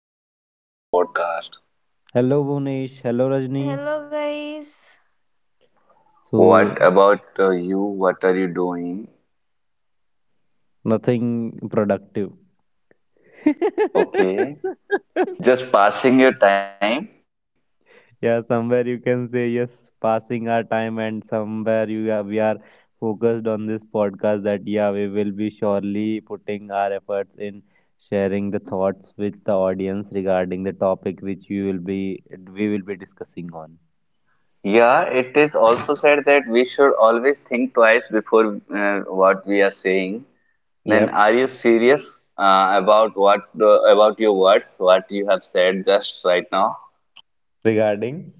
uh, another podcast. Hello, Bhunesh. Hello, Rajni. Hello, guys. So, What about you? What are you doing? nothing productive. Okay, just passing your time. Yeah, somewhere you can say yes, passing our time, and somewhere you are, we are focused on this podcast that, yeah, we will be surely putting our efforts in sharing the thoughts with the audience regarding the topic which you will be we will be discussing on. Yeah, it is also said that we should always think twice before what we are saying. Then, Yep. are you Mm-hmm. serious about about your words? What you have said just right now? Regarding.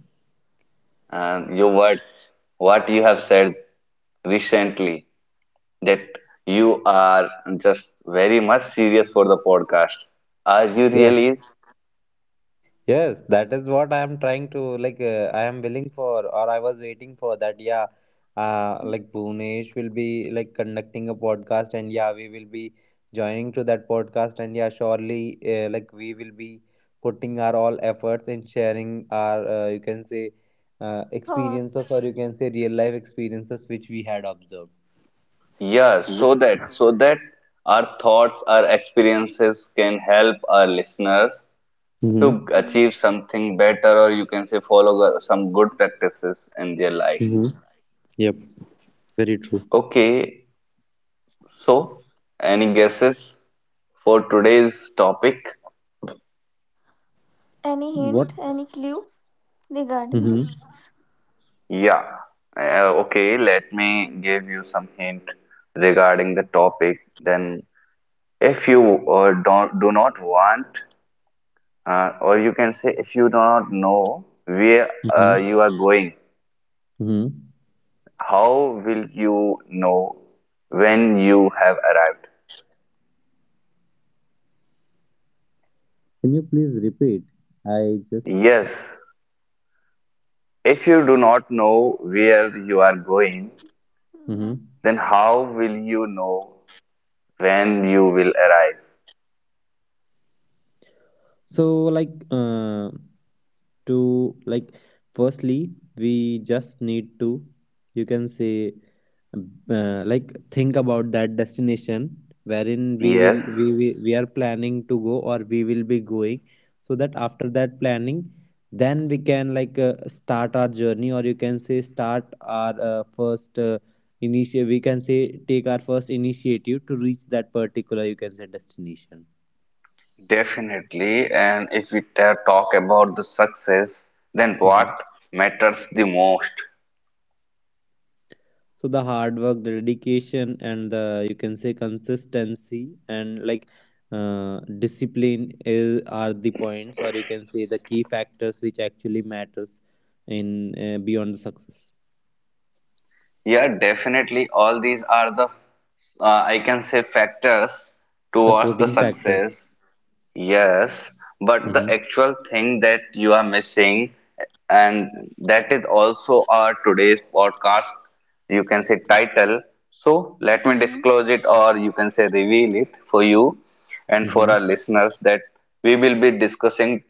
Your words, what you have said recently. That you are just very much serious for the podcast. Are you Yeah. really? Yes, that is what I am trying to like. I am willing for, or I was waiting for that. Yeah, like Bhunesh will be like conducting a podcast, and yeah, we will be joining to that podcast, and yeah, surely, like we will be putting our all efforts in sharing our, you can say, experiences, or Thoughts? you can say, real life experiences which we had observed. Yeah, so that our thoughts, our experiences can help our listeners Mm-hmm. to Hmm. achieve something better, or you can say follow some good practices in their life. Mm-hmm. Yep. Very true. Okay, so any guesses for today's topic? Any What? hint? Any clue regarding Mm-hmm. this? Yeah. Okay, let me give you some hint regarding the topic. Then if you don't do not want or you can say if you do not know where Mm-hmm. You are going, Mm-hmm. how will you know when you have arrived? Can you please repeat? I just. Yes, if you do not know where you are going, Hmm. Mm-hmm. then how will you know when you will arrive? So, like, to like, firstly, we just need to, you can say, like, think about that destination wherein we Yes. will we are planning to go or we will be going, so that after that planning, then we can like start our journey or you can say start our first initiative. We can say take our first initiative to reach that particular you can say destination. Definitely, and if we talk about the success, then Mm-hmm. what matters the most? So the hard work, the dedication, and the you can say consistency, and like discipline is are the points or you can say the key factors which actually matters in beyond the success, Yeah, definitely. All these are the, I can say, factors towards the supporting factors. success. Yes, but the Mm-hmm. actual thing that you are missing, and that is also our today's podcast, you can say, title. So let me Hmm. disclose it, or you can say, reveal it for you and for our Mm-hmm. listeners that we will be discussing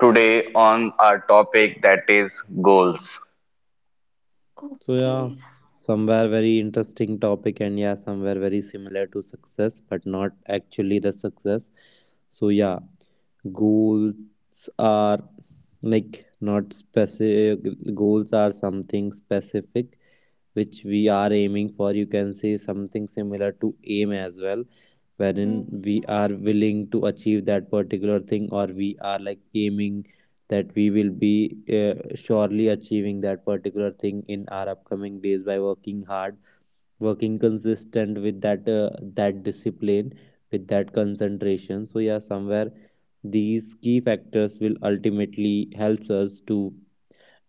today on our topic, that is goals. So Okay. yeah, somewhere very interesting topic, and yeah, somewhere very similar to success but not actually the success. So yeah, goals are like not specific, goals are something specific which we are aiming for, you can say something similar to aim as well, wherein Hmm. we are willing to achieve that particular thing, or we are like aiming that we will be surely achieving that particular thing in our upcoming days by working hard, working consistent with that discipline, with that concentration. So yeah, somewhere these key factors will ultimately helps us to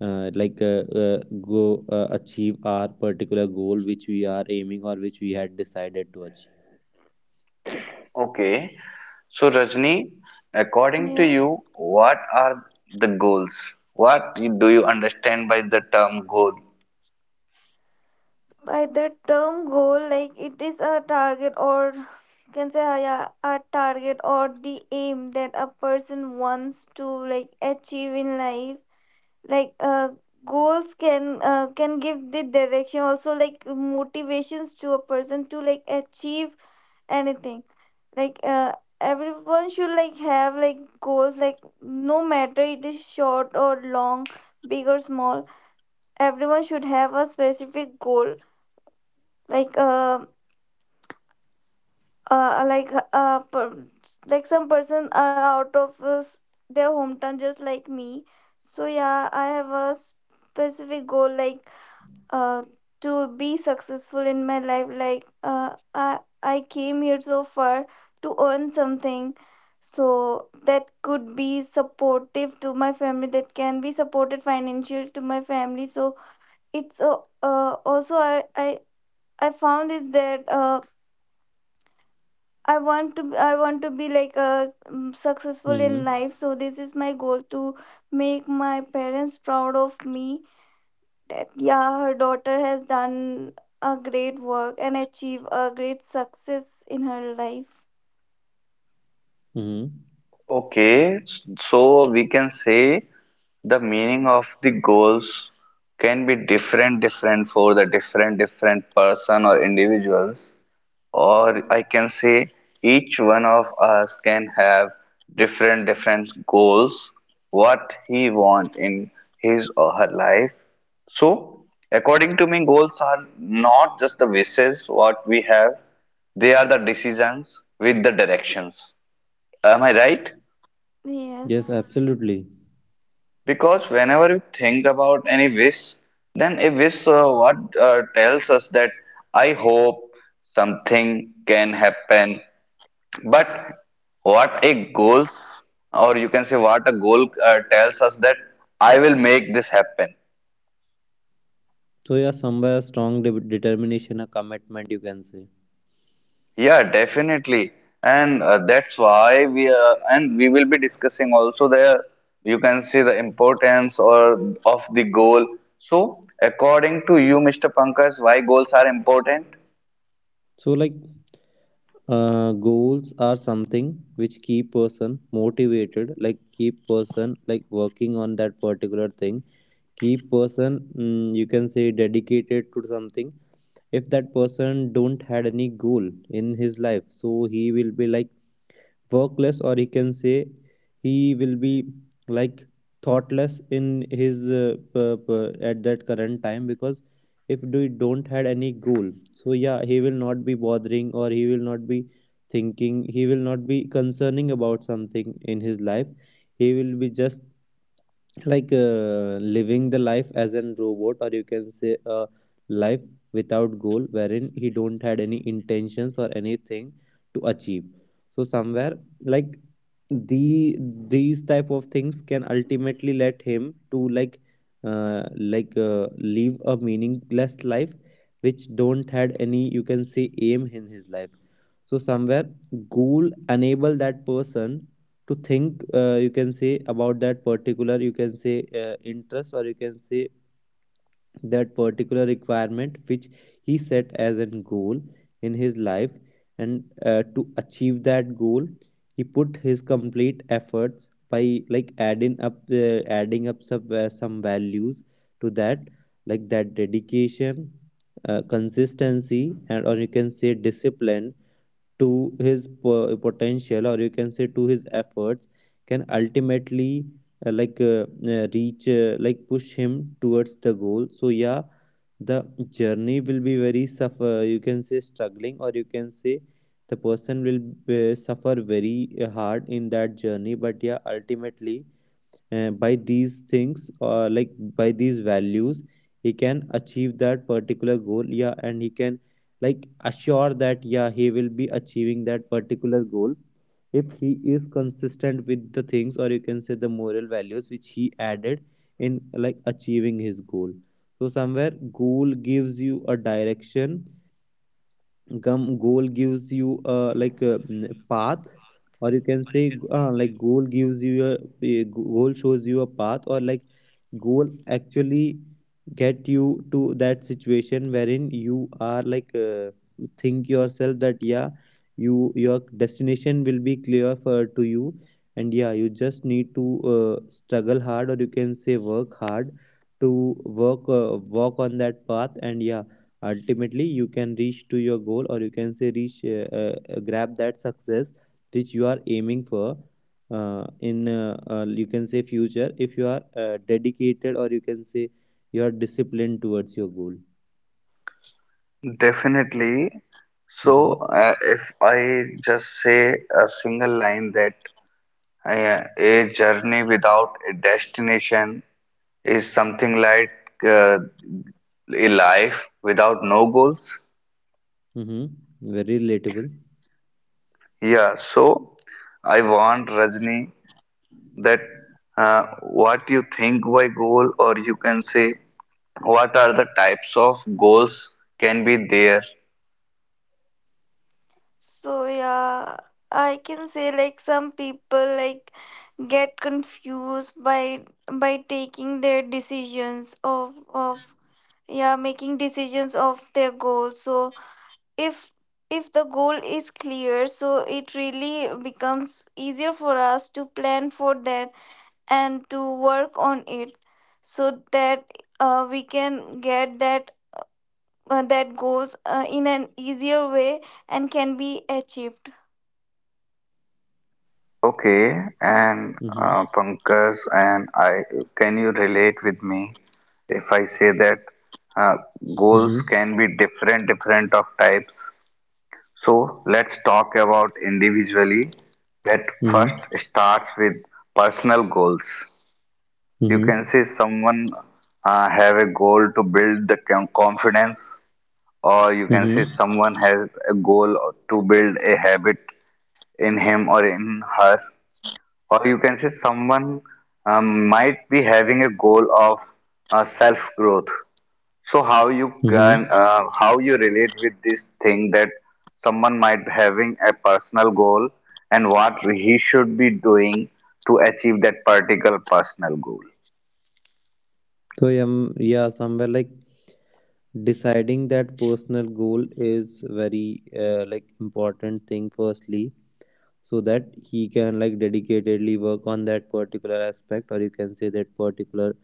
uh, like uh, uh, go achieve our particular goal which we are aiming or which we had decided to achieve. Okay. So, Rajni, according to you, Yes. what are the goals? Do you understand by the term goal? By the term goal, like it is a target or can say yeah, a target or the aim that a person wants to like achieve in life like uh, goals can give the direction also like motivations to a person to like achieve anything like uh, everyone should like have like goals like no matter it is short or long, big or small, everyone should have a specific goal like uh, uh like uh per, like some person are out of their hometown just like me. So yeah, I have a specific goal, uh, to be successful in my life. I came here so far to earn something so that could be supportive to my family, that can be supported financially to my family. So it's also I found is that I want to be like successful in Hmm. life. So this is my goal, to make my parents proud of me, that yeah, her daughter has done a great work and achieved a great success in her life. Hmm. Okay, so we can say the meaning of the goals can be different, different for the different, different person or individuals. Or Mm. I can say each one of us can have different different goals, what he want in his or her life. So according to me, goals are not just the wishes what we have. They are the decisions with the directions. Am I right? Yes, Yes. absolutely. Because whenever we think about any wish, then a wish what tells us that I hope something can happen. But what a goals, or you can say what a goal tells us that I will make this happen. So yeah, somewhere a strong determination, a commitment, you can say. Yeah, definitely. And that's why we are, and we will be discussing also the, you can see the importance or of the goal. So, according to you, Mr. Pankaj, why goals are important? So like goals are something which keep person motivated, like keep person like working on that particular thing, keep person you can say dedicated to something. If that person don't had any goal in his life, so he will be like workless, or he can say he will be like thoughtless in his at that current time, because if we don't had any goal, so yeah, he will not be bothering, or he will not be thinking, he will not be concerning about something in his life. He will be just like living the life as a robot, or you can say a life without goal, wherein he don't had any intentions or anything to achieve. So somewhere like the these type of things can ultimately let him to uh, like live a meaningless life which don't had any you can say aim in his life. So somewhere goal enable that person to think you can say about that particular you can say interest, or you can say that particular requirement which he set as a goal in his life. And to achieve that goal he put his complete efforts by like adding up some values to that, like that dedication, consistency, and or you can say discipline to his potential, or you can say to his efforts, can ultimately like reach like push him towards the goal. So yeah, the journey will be very suffer, you can say struggling, or you can say the person will suffer very hard in that journey, but yeah, ultimately by these things, or like by these values, he can achieve that particular goal. Yeah, and he can like assure that yeah, he will be achieving that particular goal if he is consistent with the things, or you can say the moral values which he added in like achieving his goal. So somewhere goal gives you a direction, gum goal gives you like a path, or you can say like goal gives you a goal shows you a path, or like goal actually get you to that situation wherein you are like think yourself that yeah, you, your destination will be clear for to you. And yeah, you just need to struggle hard, or you can say work hard, to work walk on that path, and yeah, ultimately you can reach to your goal, or you can say reach grab that success which you are aiming for in you can say future, if you are dedicated, or you can say you are disciplined towards your goal. Definitely. So, Mm-hmm. If I just say a single line that a journey without a destination is something like uh, a life without no goals. Mm-hmm. Very relatable. Yeah, so I want Rajni that what you think by goal, or you can say what are the types of goals can be there. So yeah, I can say like some people like get confused by taking their decisions of yeah, making decisions of their goals. So if the goal is clear, so it really becomes easier for us to plan for that and to work on it, so that we can get that goals in an easier way and can be achieved. Okay, and Mm-hmm. Pankaj and I, can you relate with me if I say that uh, goals Mm-hmm. can be different, different of types? So let's talk about individually. That first Mm-hmm. starts with personal goals. You Mm-hmm. can say someone have a goal to build the confidence, or you can say Mm-hmm. someone has a goal to build a habit in him or in her, or you can say someone might be having a goal of self growth. So how you can Mm-hmm. How you relate with this thing, that someone might having a personal goal and what he should be doing to achieve that particular personal goal? So yeah, somewhere like deciding that personal goal is very like important thing firstly, so that he can like dedicatedly work on that particular aspect, or you can say that particular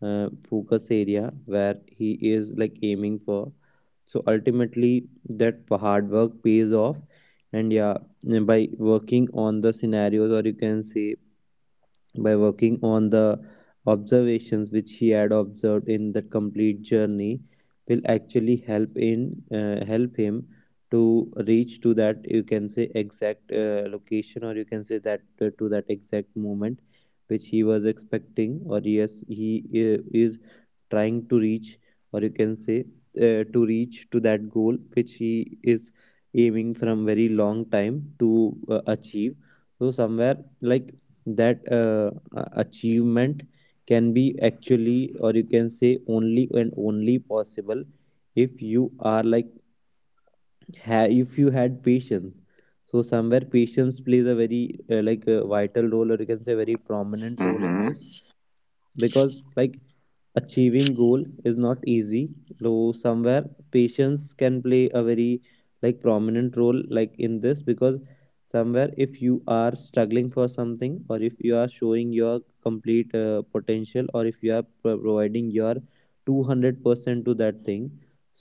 focus area where he is like aiming for. So ultimately that hard work pays off, and yeah, by working on the scenarios, or you can say by working on the observations which he had observed in that complete journey, will actually help in help him to reach to that you can say exact location, or you can say that to that exact moment which he was expecting, or yes, he is trying to reach, or you can say to reach to that goal which he is aiming from very long time to achieve. So somewhere like that achievement can be actually, or you can say only and only possible if you are like if you had patience. So somewhere patience plays a very like a vital role, or you can say very prominent role in this, Mm-hmm. because like achieving goal is not easy, though somewhere patience can play a very like prominent role like in this, because somewhere if you are struggling for something, or if you are showing your complete potential, or if you are providing your 200% to that thing,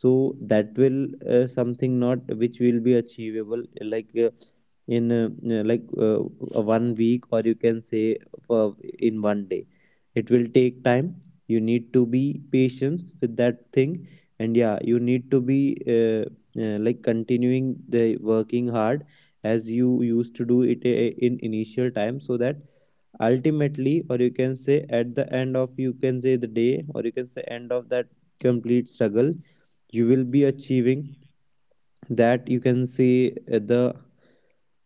so that will something not which will be achievable like in like one week, or you can say for in one day. It will take time, you need to be patient with that thing. And yeah, you need to be like continuing the working hard as you used to do it in initial time, so that ultimately, or you can say at the end of you can say the day, or you can say end of that complete struggle, you will be achieving that you can say uh, the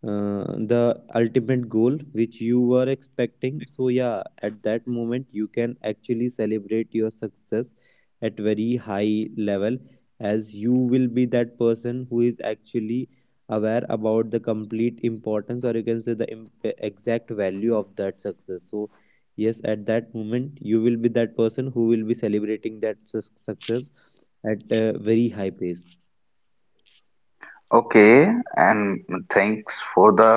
uh, the ultimate goal which you were expecting. So yeah, at that moment you can actually celebrate your success at very high level, as you will be that person who is actually aware about the complete importance, or you can say the exact value of that success. So yes, at that moment you will be that person who will be celebrating that success at a very high pace. Okay, and thanks for the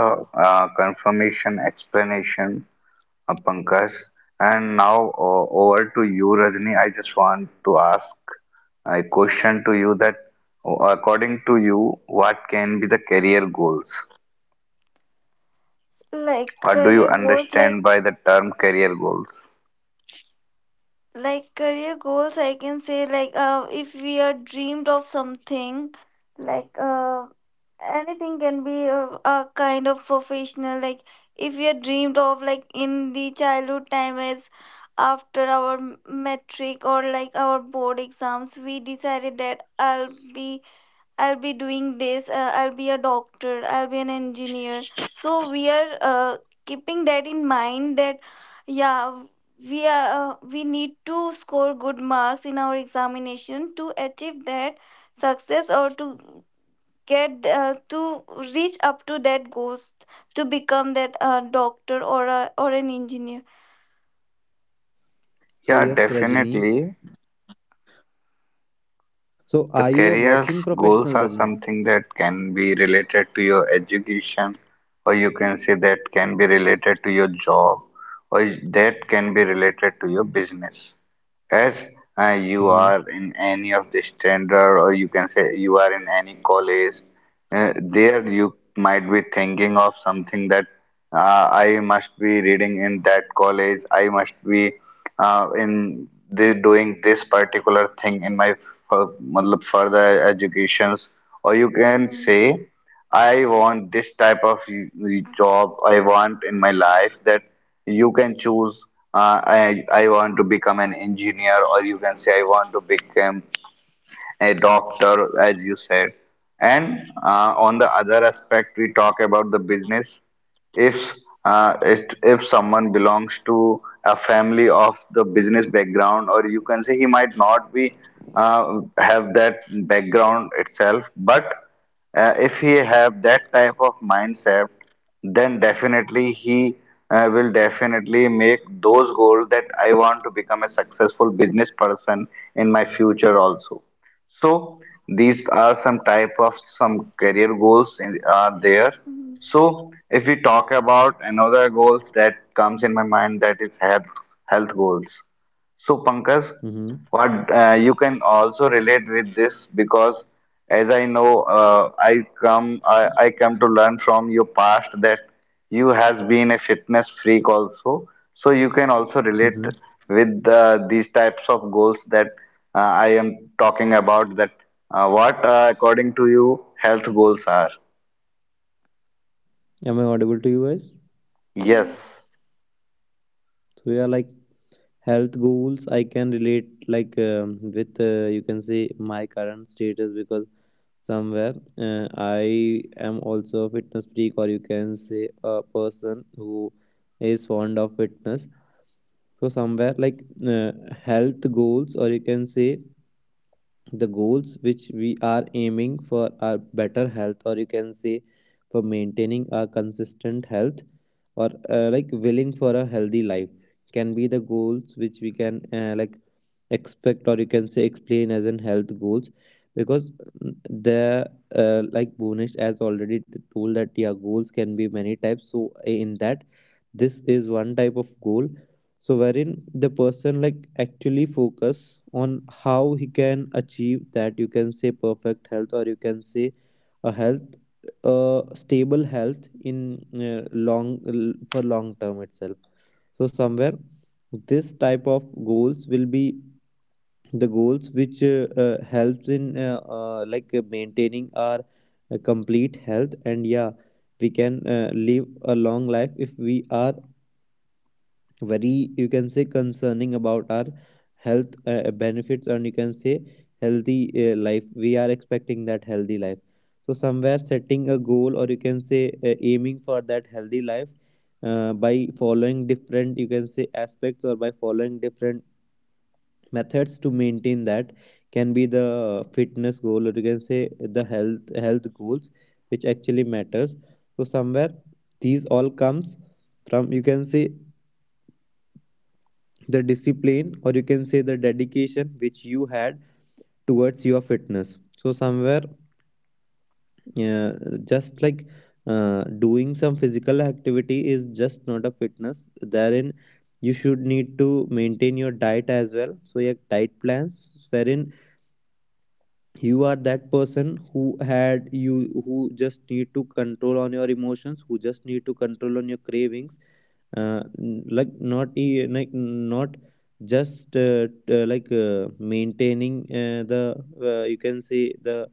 confirmation explanation, Pankaj. And now over to you, Rajni. I just want to ask a question to Yes, you, that according to you, what can be the career goals? like What do career you goals, understand by the term career goals? like career goals, I can say like if we are dreamed of something, like anything can be a kind of professional. Like if we are dreamed of like in the childhood time, as after our metric or like our board exams, we decided that I'll be doing this, I'll be a doctor, I'll be an engineer. So we are keeping that in mind that yeah, we are we need to score good marks in our examination to achieve that success, or to get to reach up to that goals, to become that doctor or a, or an engineer. Yeah, So yes, Rajni, definitely. so are you a working The professional, Rajni? career's goals are something that can be related to your education, or you can say Mm, that can be related to your job, or that can be related to your business. As Mm-hmm. you are in any of the standard, or you can say you are in any college, there you might be thinking of something, that I must be reading in that college. I must be in the, doing this particular thing in my matlab further educations. Or you can mm, say, I want this type of job I want in my life, that you can choose. I want to become an engineer, or you can say, I want to become a doctor, as you said. And on the other aspect, we talk about the business. If if someone belongs to a family of the business background, or you can say he might not be have that background itself, but if he have that type of mindset, then definitely he will definitely make those goals, that I want to become a successful business person in my future also. So these are some type of some career goals in, are there. mm, mm. So if we talk about another goal that comes in my mind, that is health health goals. So, Pankaj, Mm-hmm. what you can also relate with this, because as I know, I come to learn from your past that you has been a fitness freak also. So you can also relate Mm-hmm. with these types of goals that I am talking about. That what according to you, health goals are? Am I audible to you guys? Yes, Yes. So yeah, like health goals, I can relate like with you can say my current status, because somewhere I am also a fitness freak, or you can say a person who is fond of fitness. So somewhere like uh, health goals, or you can say the goals which we are aiming for, are better health, or you can say for maintaining a consistent health, or like willing for a healthy life, can be the goals which we can like expect, or you can say explain as in health goals, because mm, the like Bhunesh has already told that yeah, goals can be many types, so in that, this is one type of goal. So wherein the person like actually focus on how he can achieve that, you can say perfect health, or you can say a health, stable health in long for long term itself. So somewhere this type of goals will be the goals which helps in like maintaining our complete health. And yeah, we can live a long life if we are very, you can say, concerning about our health benefits, and you can say healthy life we are expecting, that healthy life. So somewhere setting a goal, or you can say aiming for that healthy life by following different, you can say, aspects, or by following different methods to maintain that, can be the fitness goal, or you can say the health goals which actually matters. So somewhere these all comes from, you can say, the discipline, or you can say the dedication which you had towards your fitness. So somewhere, uh, just like doing some physical activity is just not a fitness. Therein you should need to maintain your diet as well. So your diet plans, wherein you are that person who had you, who just need to control on your emotions, who just need to control on your cravings, like not like not just like maintaining the you can say the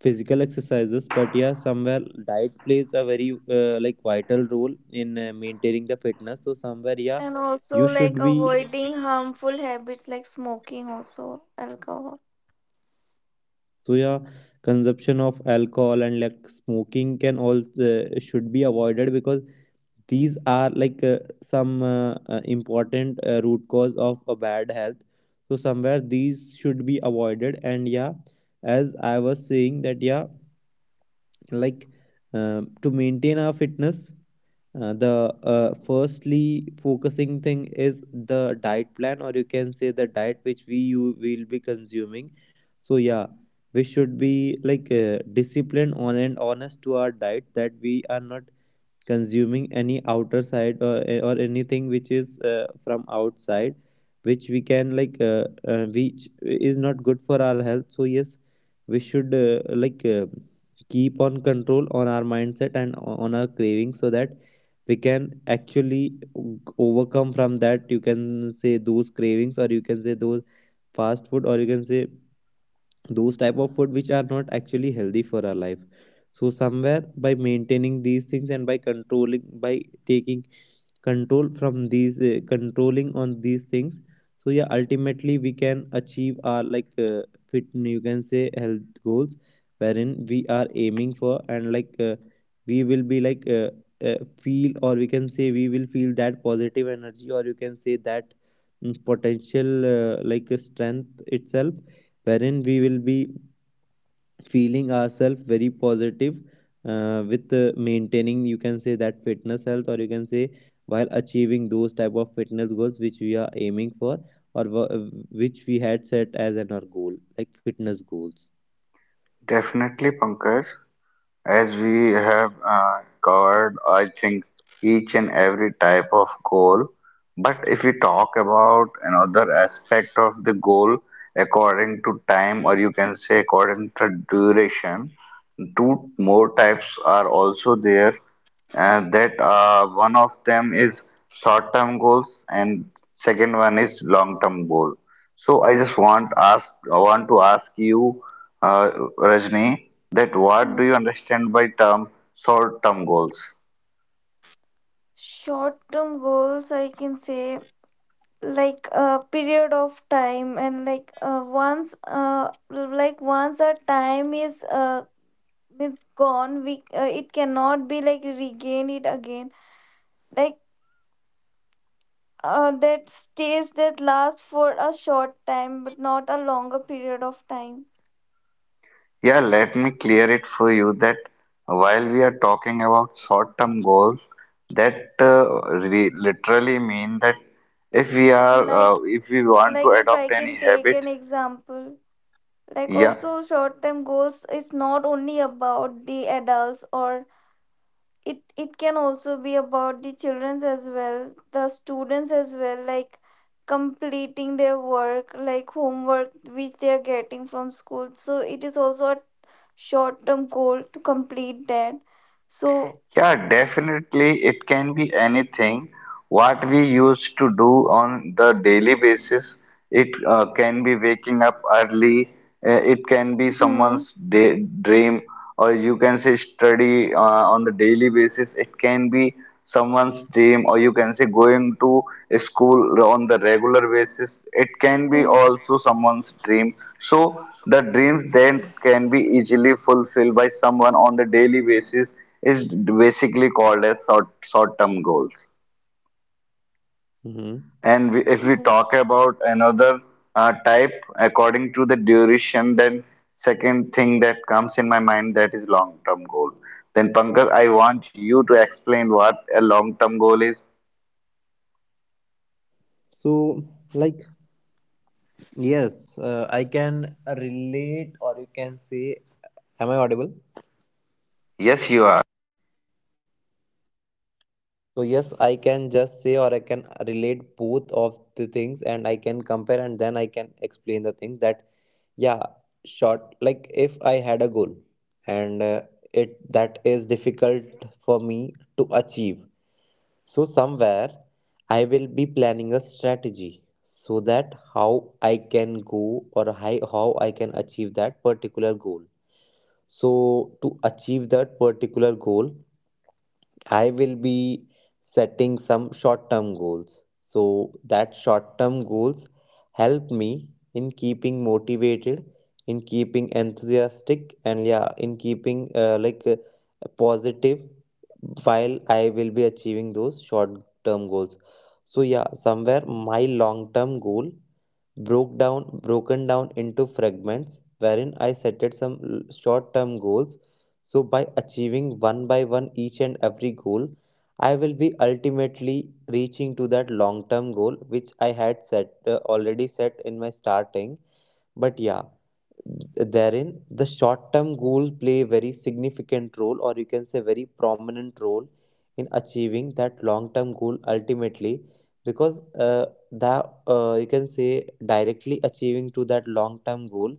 physical exercises. But yeah, somewhere diet plays a very like vital role in maintaining the fitness. So somewhere, yeah, And also you like should be. avoiding harmful habits like smoking, also alcohol. So yeah, consumption of alcohol and like smoking can all should be avoided, because these are like some important root cause of a bad health. So somewhere these should be avoided. And yeah, as I was saying that, yeah, like to maintain our fitness, the firstly focusing thing is the diet plan, or you can say the diet which we you will be consuming. So yeah, we should be like disciplined on and honest to our diet, that we are not consuming any outer side, or anything which is from outside, which we can like which is not good for our health. So yes, we should like keep on control on our mindset and on our cravings, so that we can actually overcome from that, you can say those cravings, or you can say those fast food, or you can say those type of food which are not actually healthy for our life. So somewhere by maintaining these things, and by controlling, by taking control from these, controlling on these things, so yeah, ultimately we can achieve our, like, fit, you can say health goals, wherein we are aiming for. And like we will be like uh, feel, or we can say we will feel that positive energy, or you can say that potential like strength itself, wherein we will be feeling ourselves very positive with maintaining, you can say, that fitness health, or you can say while achieving those type of fitness goals which we are aiming for, or which we had set as an our goal, like fitness goals. definitely, Pankaj. As we have covered, I think, each and every type of goal. But if we talk about another aspect of the goal according to time, or you can say according to duration, two more types are also there. That one of them is short-term goals, and second one is long-term goal. So I just want ask I want to ask you, uh, Rajni, that what do Mhm. you understand by term short-term goals? Short-term goals, I can say, like a period of time, and like once, like once our time is gone, we it cannot be like regained it again. Like that stays, that lasts for a short time, but not a longer period of time. Yeah, let me clear it for you, that while we are talking about short-term goals, that re literally mean that if we are Like if we want to like if I adopt any can take an habit, example, like yeah. also short term goals is not only about the adults, or it can also be about the children as well, the students as well, like completing their work, like homework which they are getting from school. So it is also a short term goal to complete that. So Yeah, definitely it can be anything. What we used to do on the daily basis, it can be waking up early, it can be hmm, someone's day, dream, or you can say study on the daily basis. It can be someone's dream, or you can say going to a school on the regular basis. It can be yes, also someone's dream. So the dreams then can be easily fulfilled by someone on the daily basis is basically called as short term goals. Mm-hmm. And we, if we talk yes. about another type according to the duration, then second thing that comes in my mind, that is long term goal. Then Pankaj, I want you to explain what a long term goal is. So, like, yes, I can relate, or you can say, am I audible? Yes you. So yes, I can just say or I can relate both of the things, and I can compare and then I can explain the thing that, yeah, short, like if I had a goal, and it that is difficult for me to achieve. So somewhere I will be planning a strategy, so that how I can go, or how I can achieve that particular goal. So to achieve that particular goal, I will be setting some short term goals. So that short term goals help me in keeping motivated, in keeping enthusiastic, and yeah, in keeping like positive while I will be achieving those short term goals. So yeah, somewhere my long term goal broken down into fragments, wherein I setted some short-term goals. So by achieving one by one each and every goal, I will be ultimately reaching to that long-term goal which I had set, already set in my starting. But yeah, therein the short term goal play very significant role, or you can say very prominent role in achieving that long term goal ultimately. Because that, you can say directly achieving to that long term goal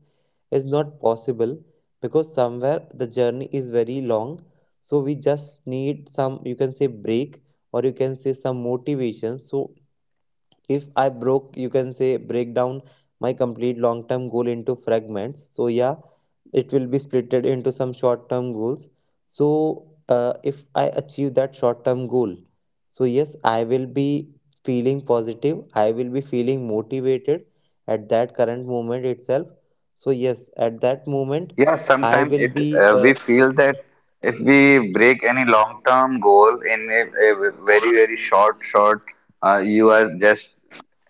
is not possible, because somewhere the journey is very long. So we just need some, you can say, break, or you can say some motivation. So if I broke, you can say break down my complete long term goal into fragments, so yeah, it will be splitted into some short term goals. So if I achieve that short term goal, so yes I will be feeling positive, I will be feeling motivated at that current moment itself. So yes, at that moment Yeah, I sometimes will it be we feel that if we break any long-term goal in a very very short, you are just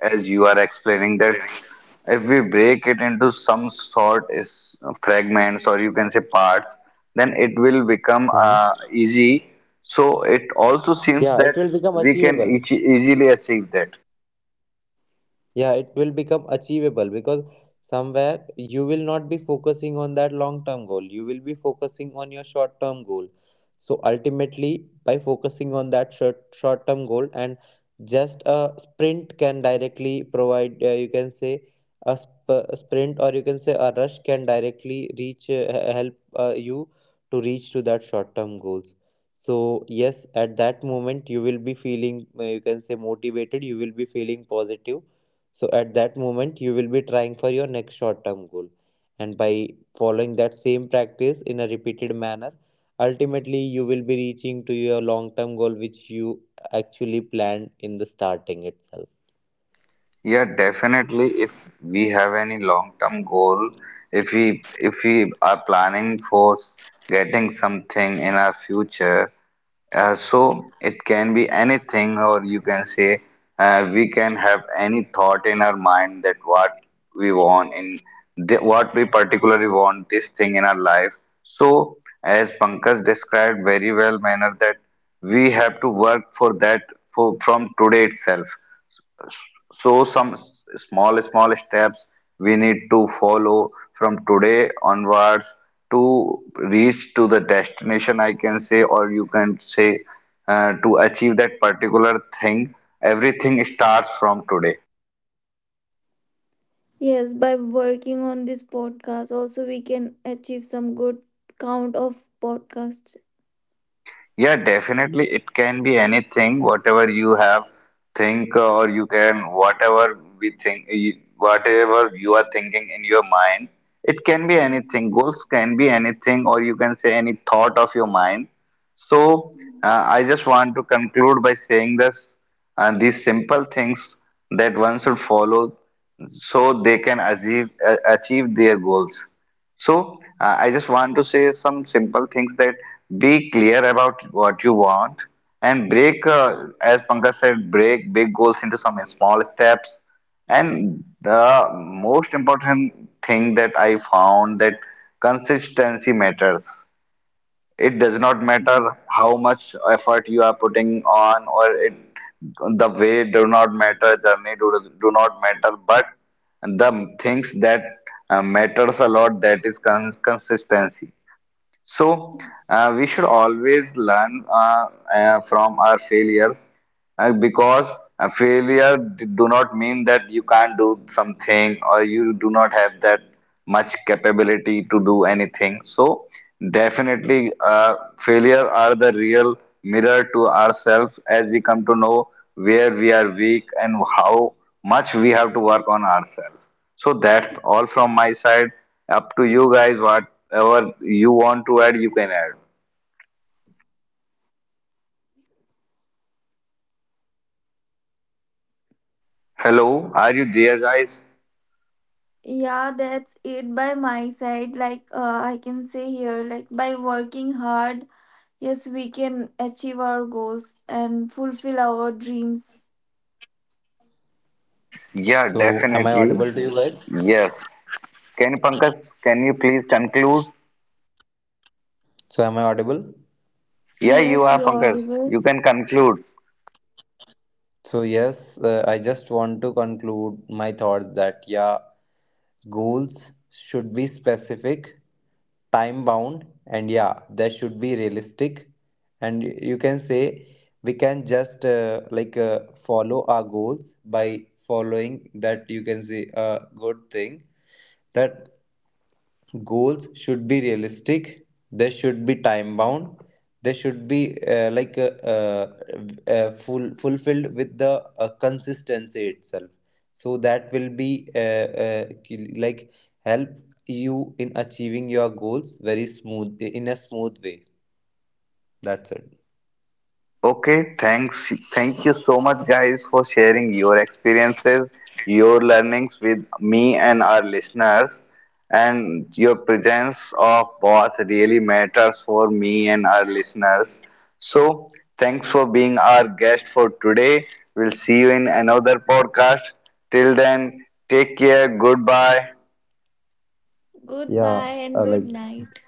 as you are explaining that if we break it into some sort is fragments or you can say parts, then it will become mhm. Easy. So it also seems Yeah, it that will become we can achievable. each easily achieve that. Yeah, it will become achievable because somewhere you will not be focusing on that long term goal. You will be focusing on your short term goal. So ultimately, by focusing on that short term goal, and just a sprint can directly provide, you can say, a, a sprint, or you can say a rush, can directly reach, help you to reach to that short term goals. So yes, at that moment you will be feeling, you can say, motivated. You will be feeling positive, so at that moment you will be trying for your next short term goal. And by following that same practice in a repeated manner, ultimately you will be reaching to your long term goal which you actually planned in the starting itself. Yeah, definitely. If we have any long-term goal, if we are planning for getting something in our future, so it can be anything, or you can say we can have any thought in our mind, that what we want in the, what we particularly want this thing in our life. So, as Pankaj described very well, manner that we have to work for that for, from today itself. So some small, small steps we need to follow from today onwards, to reach to the destination, I can say, or you can say to achieve that particular thing. Everything starts from today. Mhm. Yes, by So yeah, working on this podcast, also we can achieve some good count of podcast. Yeah, definitely it yeah, can be and anything, whatever you have think or you can whatever we think whatever you are thinking in your mind, it can be anything. Goals can be anything, or you can say any thought of your mind. So I just want to conclude by saying this, these simple things that one should follow, so they can achieve achieve their goals. So I just want to say some simple things, that be clear about what you want, and break, as Pankaj said, break big goals into some small steps. And the most important thing that I found, that consistency matters. It does not matter how much effort you are putting on or it the way do not matter, do not matter, but the things that matters a lot, that is consistency. So, we should always learn from our failures, because a failure do not mean that you can't do something, or you do not have that much capability to do anything. So, definitely, failure are the real mirror to ourselves, as we come to know where we are weak and how much we have to work on ourselves. So that's all from my side. Up to you guys, whatever you want to add, you can add. so yes, I just want to conclude this Hello, podcast are by you there, saying that. guys? Am Yeah, I that's audible? it by my side. Like I can say here, like by working hard, yes, we can achieve our goals and fulfill our dreams. Yeah, So am I definitely. audible to you guys? Yes. Can you, Pankaj, can you please conclude? So am I audible? Yeah, you Yes, are you're Pankaj. audible. You can conclude. So yes, I just want to conclude my thoughts that, yeah, goals should be specific, time bound, and yeah, they should be realistic. And you can say we can just like follow our goals by following that, you can say, a good thing, that goals should be realistic, they should be time bound, they should be like full fulfilled with the consistency itself. So that will be like help you in achieving your goals very smooth, in a smooth way. That's it. Okay, thanks. Thank you so much, guys, for sharing your experiences, your learnings with me and our listeners. And your presence of both really matters for me and our listeners. So, thanks for being our guest for today. We'll see you in another podcast. Till then, take care. Goodbye. Yeah, Goodbye and good like night.